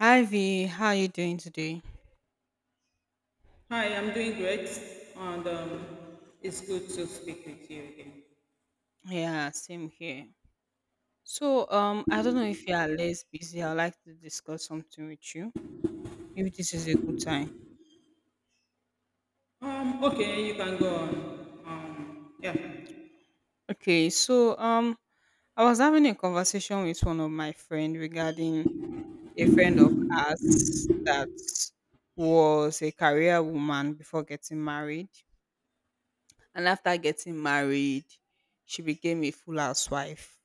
Hi V, how are you doing today? Hi, I'm doing great, and it's good to speak with you again. Yeah, same here. So, I don't know if you are less busy. I'd like to discuss something with you. If this is a good time. Okay, you can go on. Um, yeah. Okay, so I was having a conversation with one of my friend regarding a friend of ours that was a career woman before getting married, and after getting married, she became a full housewife.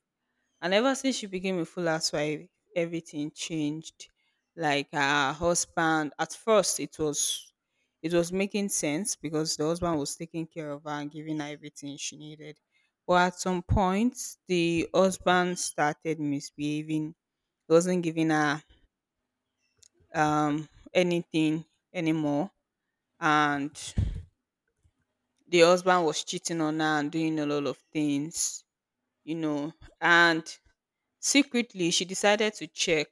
And ever since she became a full housewife, everything changed. Like her husband, at first it was making sense because the husband was taking care of her and giving her everything she needed. But at some point, the husband started misbehaving. He wasn't giving her um, anything anymore, and the husband was cheating on her and doing a lot of things, you know, and secretly, she decided to check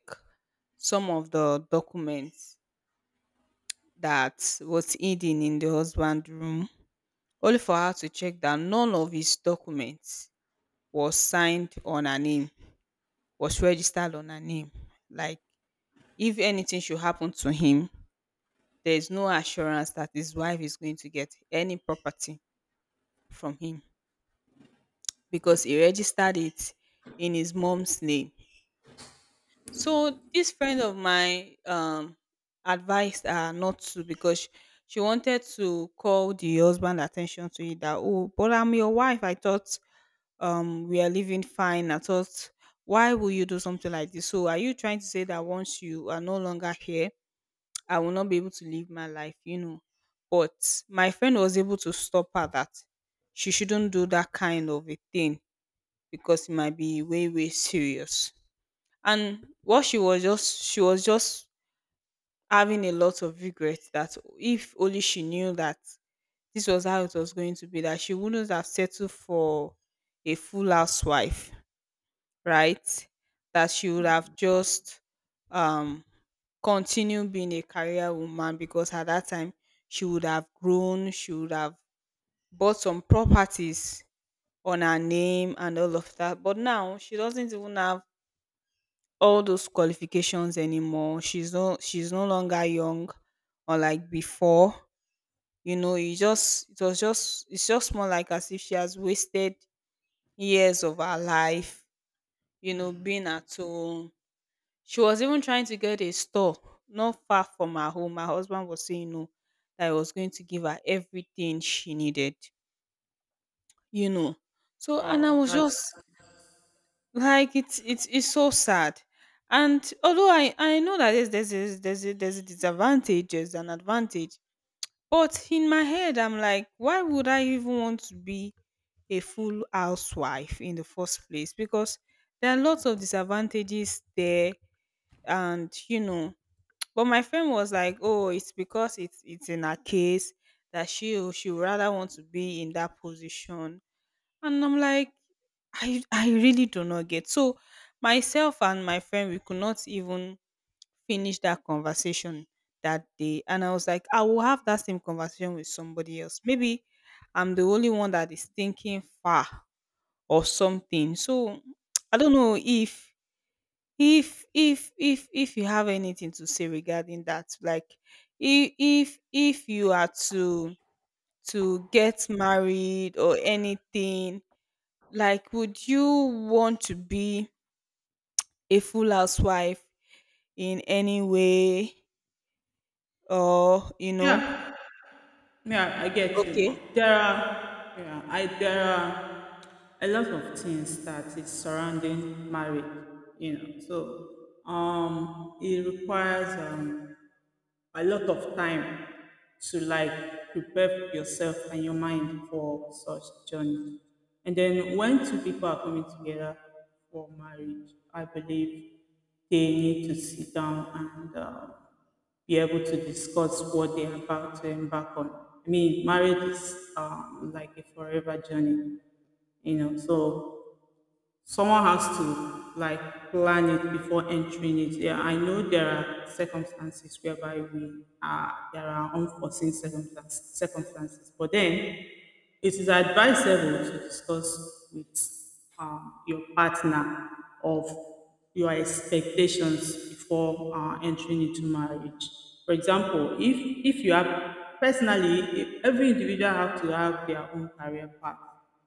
some of the documents that was hidden in the husband's room, only for her to check that none of his documents was signed on her name, was registered on her name. Like, if anything should happen to him, there is no assurance that his wife is going to get any property from him because he registered it in his mom's name. So this friend of mine advised her not to she wanted to call the husband attention to it that, oh, but I'm your wife. I thought we are living fine. I thought, why will you do something like this? So are you trying to say that once you are no longer here, I will not be able to live my life, you know? But my friend was able to stop her that she shouldn't do that kind of a thing because it might be way, way serious. And what she was just having a lot of regret that if only she knew that this was how it was going to be, that she wouldn't have settled for a full housewife, right, that she would have just um continued being a career woman because at that time she would have bought some properties on her name and all of that, but now she doesn't even have all those qualifications anymore. She's no longer young or like before. You know, it just it was just it's just more like as if she has wasted years of her life, you know, being at home. She was even trying to get a store not far from her home. Her husband was saying no, that he was going to give her everything she needed, you know. So and I Oh, was that's just like, it's so sad. And although I know that there's a disadvantage, there's an advantage, but in my head I'm like, why would I even want to be a full housewife in the first place, because there are lots of disadvantages there. And you know, but my friend was like, oh, it's because it's in her case that she would rather want to be in that position. And I'm like, I really do not get. So myself and my friend, we could not even finish that conversation that day. And I was like, I will have that same conversation with somebody else. Maybe I'm the only one that is thinking far or something. So I don't know if you have anything to say regarding that. Like if you are to get married or anything, like would you want to be a full housewife in any way? Or you know, yeah, yeah. I get you. okay There are a lot of things that is surrounding marriage, you know. So it requires a lot of time to like prepare yourself and your mind for such journey. And then when two people are coming together for marriage, I believe they need to sit down and be able to discuss what they're about to embark on. I mean, marriage is like a forever journey, you know. So someone has to like plan it before entering it. Yeah, I know there are circumstances whereby we are there are unforeseen circumstances, but then it is advisable to discuss with your partner of your expectations before entering into marriage. For example, if you have personally, if every individual have to have their own career path,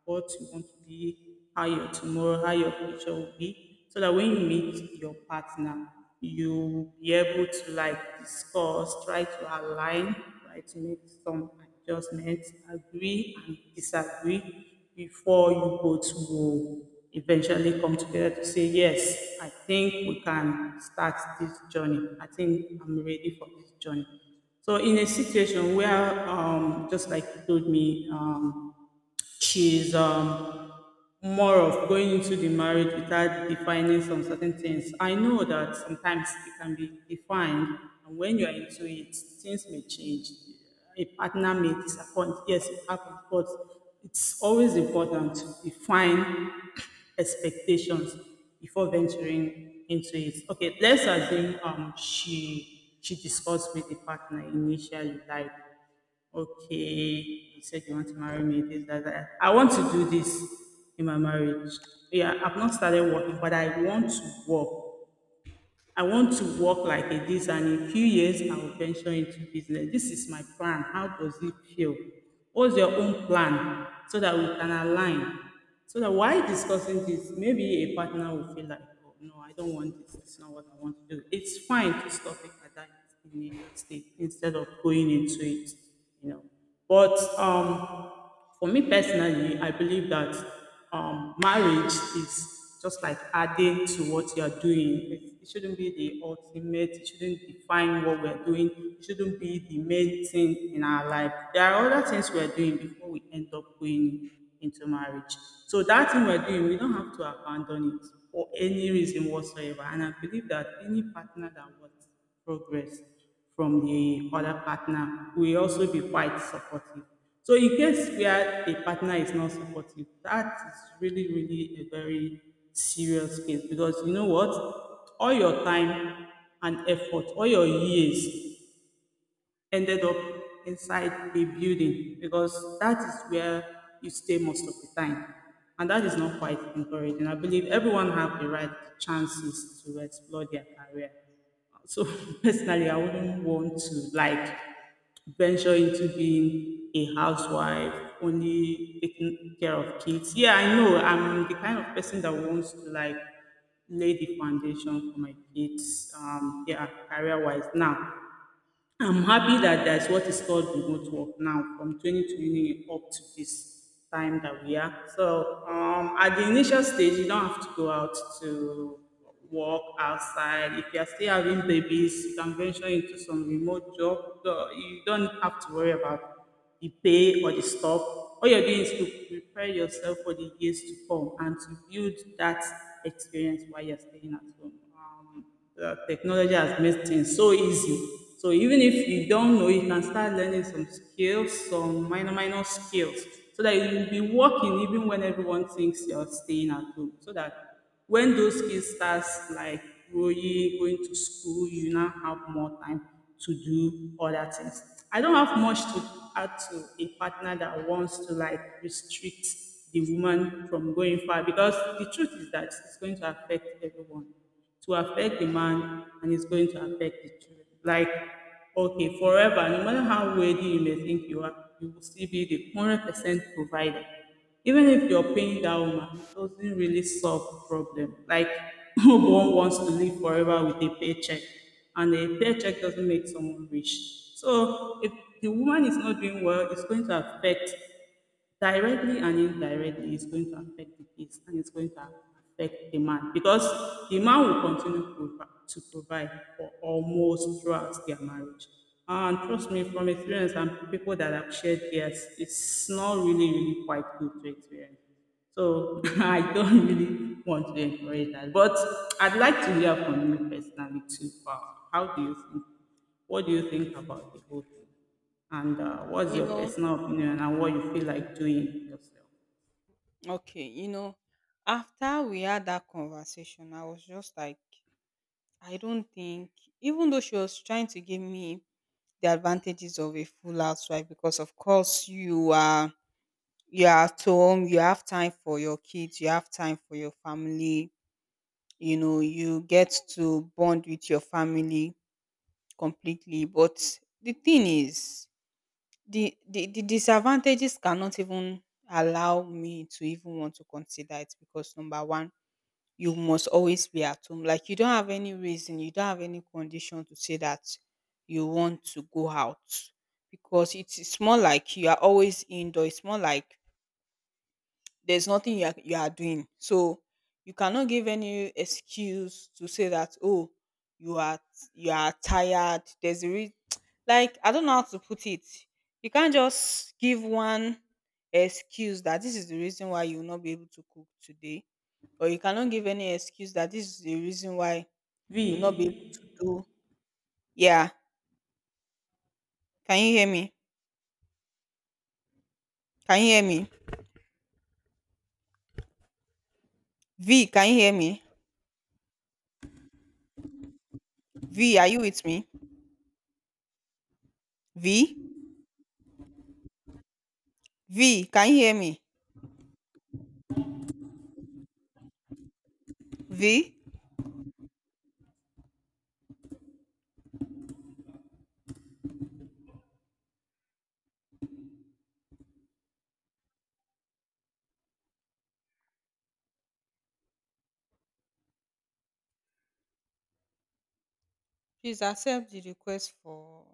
what you want to be, how your tomorrow, how your future will be, so that when you meet your partner, you will be able to like discuss, try to align. Try to make some adjustments, agree and disagree before you both will eventually come together to say, yes, I think we can start this journey. I think I'm ready for this journey. So in a situation where, just like you told me, she's more of going into the marriage without defining some certain things. I know that sometimes it can be defined, and when you are into it, things may change. A partner may disappoint. Yes, it happens, but it's always important to define expectations before venturing into it. Okay, let's assume she discussed with the partner initially, like. Okay, you said you want to marry me. This, that, that. I want to do this in my marriage. Yeah, I've not started working, but I want to work. I want to work like a this, and in a few years, I will venture into business. This is my plan. How does it feel? What's your own plan so that we can align? So that while discussing this, maybe a partner will feel like, oh, no, I don't want this. It's not what I want to do. It's fine to stop it at that initial stage instead of going into it you know. But for me personally, I believe that marriage is just like adding to what you are doing. It shouldn't be the ultimate. It shouldn't define what we are doing. It shouldn't be the main thing in our life. There are other things we are doing before we end up going into marriage. So that thing we're doing, we don't have to abandon it for any reason whatsoever. And I believe that any partner that wants progress from the other partner will also be quite supportive. So in case where a partner is not supportive, that is really, really a very serious case because you know what? All your time and effort, all your years ended up inside a building because that is where you stay most of the time. And that is not quite encouraging. I believe everyone have the right chances to explore their career. So personally, I wouldn't want to like venture into being a housewife, only taking care of kids. Yeah, I know I'm the kind of person that wants to like lay the foundation for my kids, yeah, career wise now. I'm happy that there's what is called remote work now from 2020 up to this time that we are. So at the initial stage, you don't have to go out to work outside. If you're still having babies, you can venture into some remote job. So you don't have to worry about the pay or the stop. All you're doing is to prepare yourself for the years to come and to build that experience while you're staying at home. The technology has made things so easy. So even if you don't know, you can start learning some skills, some minor, minor skills, so that you'll be working even when everyone thinks you're staying at home. So that when those kids starts like growing, going to school, you now have more time to do other things. I don't have much to add to a partner that wants to like restrict the woman from going far because the truth is that it's going to affect everyone. To affect the man and it's going to affect the children. Like, okay, forever, no matter how wealthy you may think you are, you will still be the 100% provider even if you're paying that woman, it doesn't really solve the problem. Like no one wants to live forever with a paycheck, and a paycheck doesn't make someone rich. So if the woman is not doing well, it's going to affect directly and indirectly. It's going to affect the kids and it's going to affect the man because the man will continue to to provide for almost throughout their marriage. And trust me, from experience and people that have shared theirs, it's not really, really quite good to experience. So I don't really want to encourage that. But I'd like to hear from you personally too. How do you think? What do you think about the whole thing? And what's you your know personal opinion and what you feel like doing yourself? okay, after we had that conversation, I was just like, I don't think, even though she was trying to give me the advantages of a full housewife, because of course you are at home, you have time for your kids, you have time for your family, you know, you get to bond with your family completely. But the thing is, the disadvantages cannot even allow me to even want to consider it. Because number one, you must always be at home. Like you don't have any reason, you don't have any condition to say that you want to go out, because it's more like you are always indoor. It's more like there's nothing you are doing. So you cannot give any excuse to say that, oh, you are you are tired. Like I don't know how to put it. You can't just give one excuse that this is the reason why you will not be able to cook today, or you cannot give any excuse that this is the reason why you will not be V, able to do. Yeah, can you hear me? Can you hear me? V, can you hear me? V, are you with me? V, V, can you hear me? V. Please accept the request for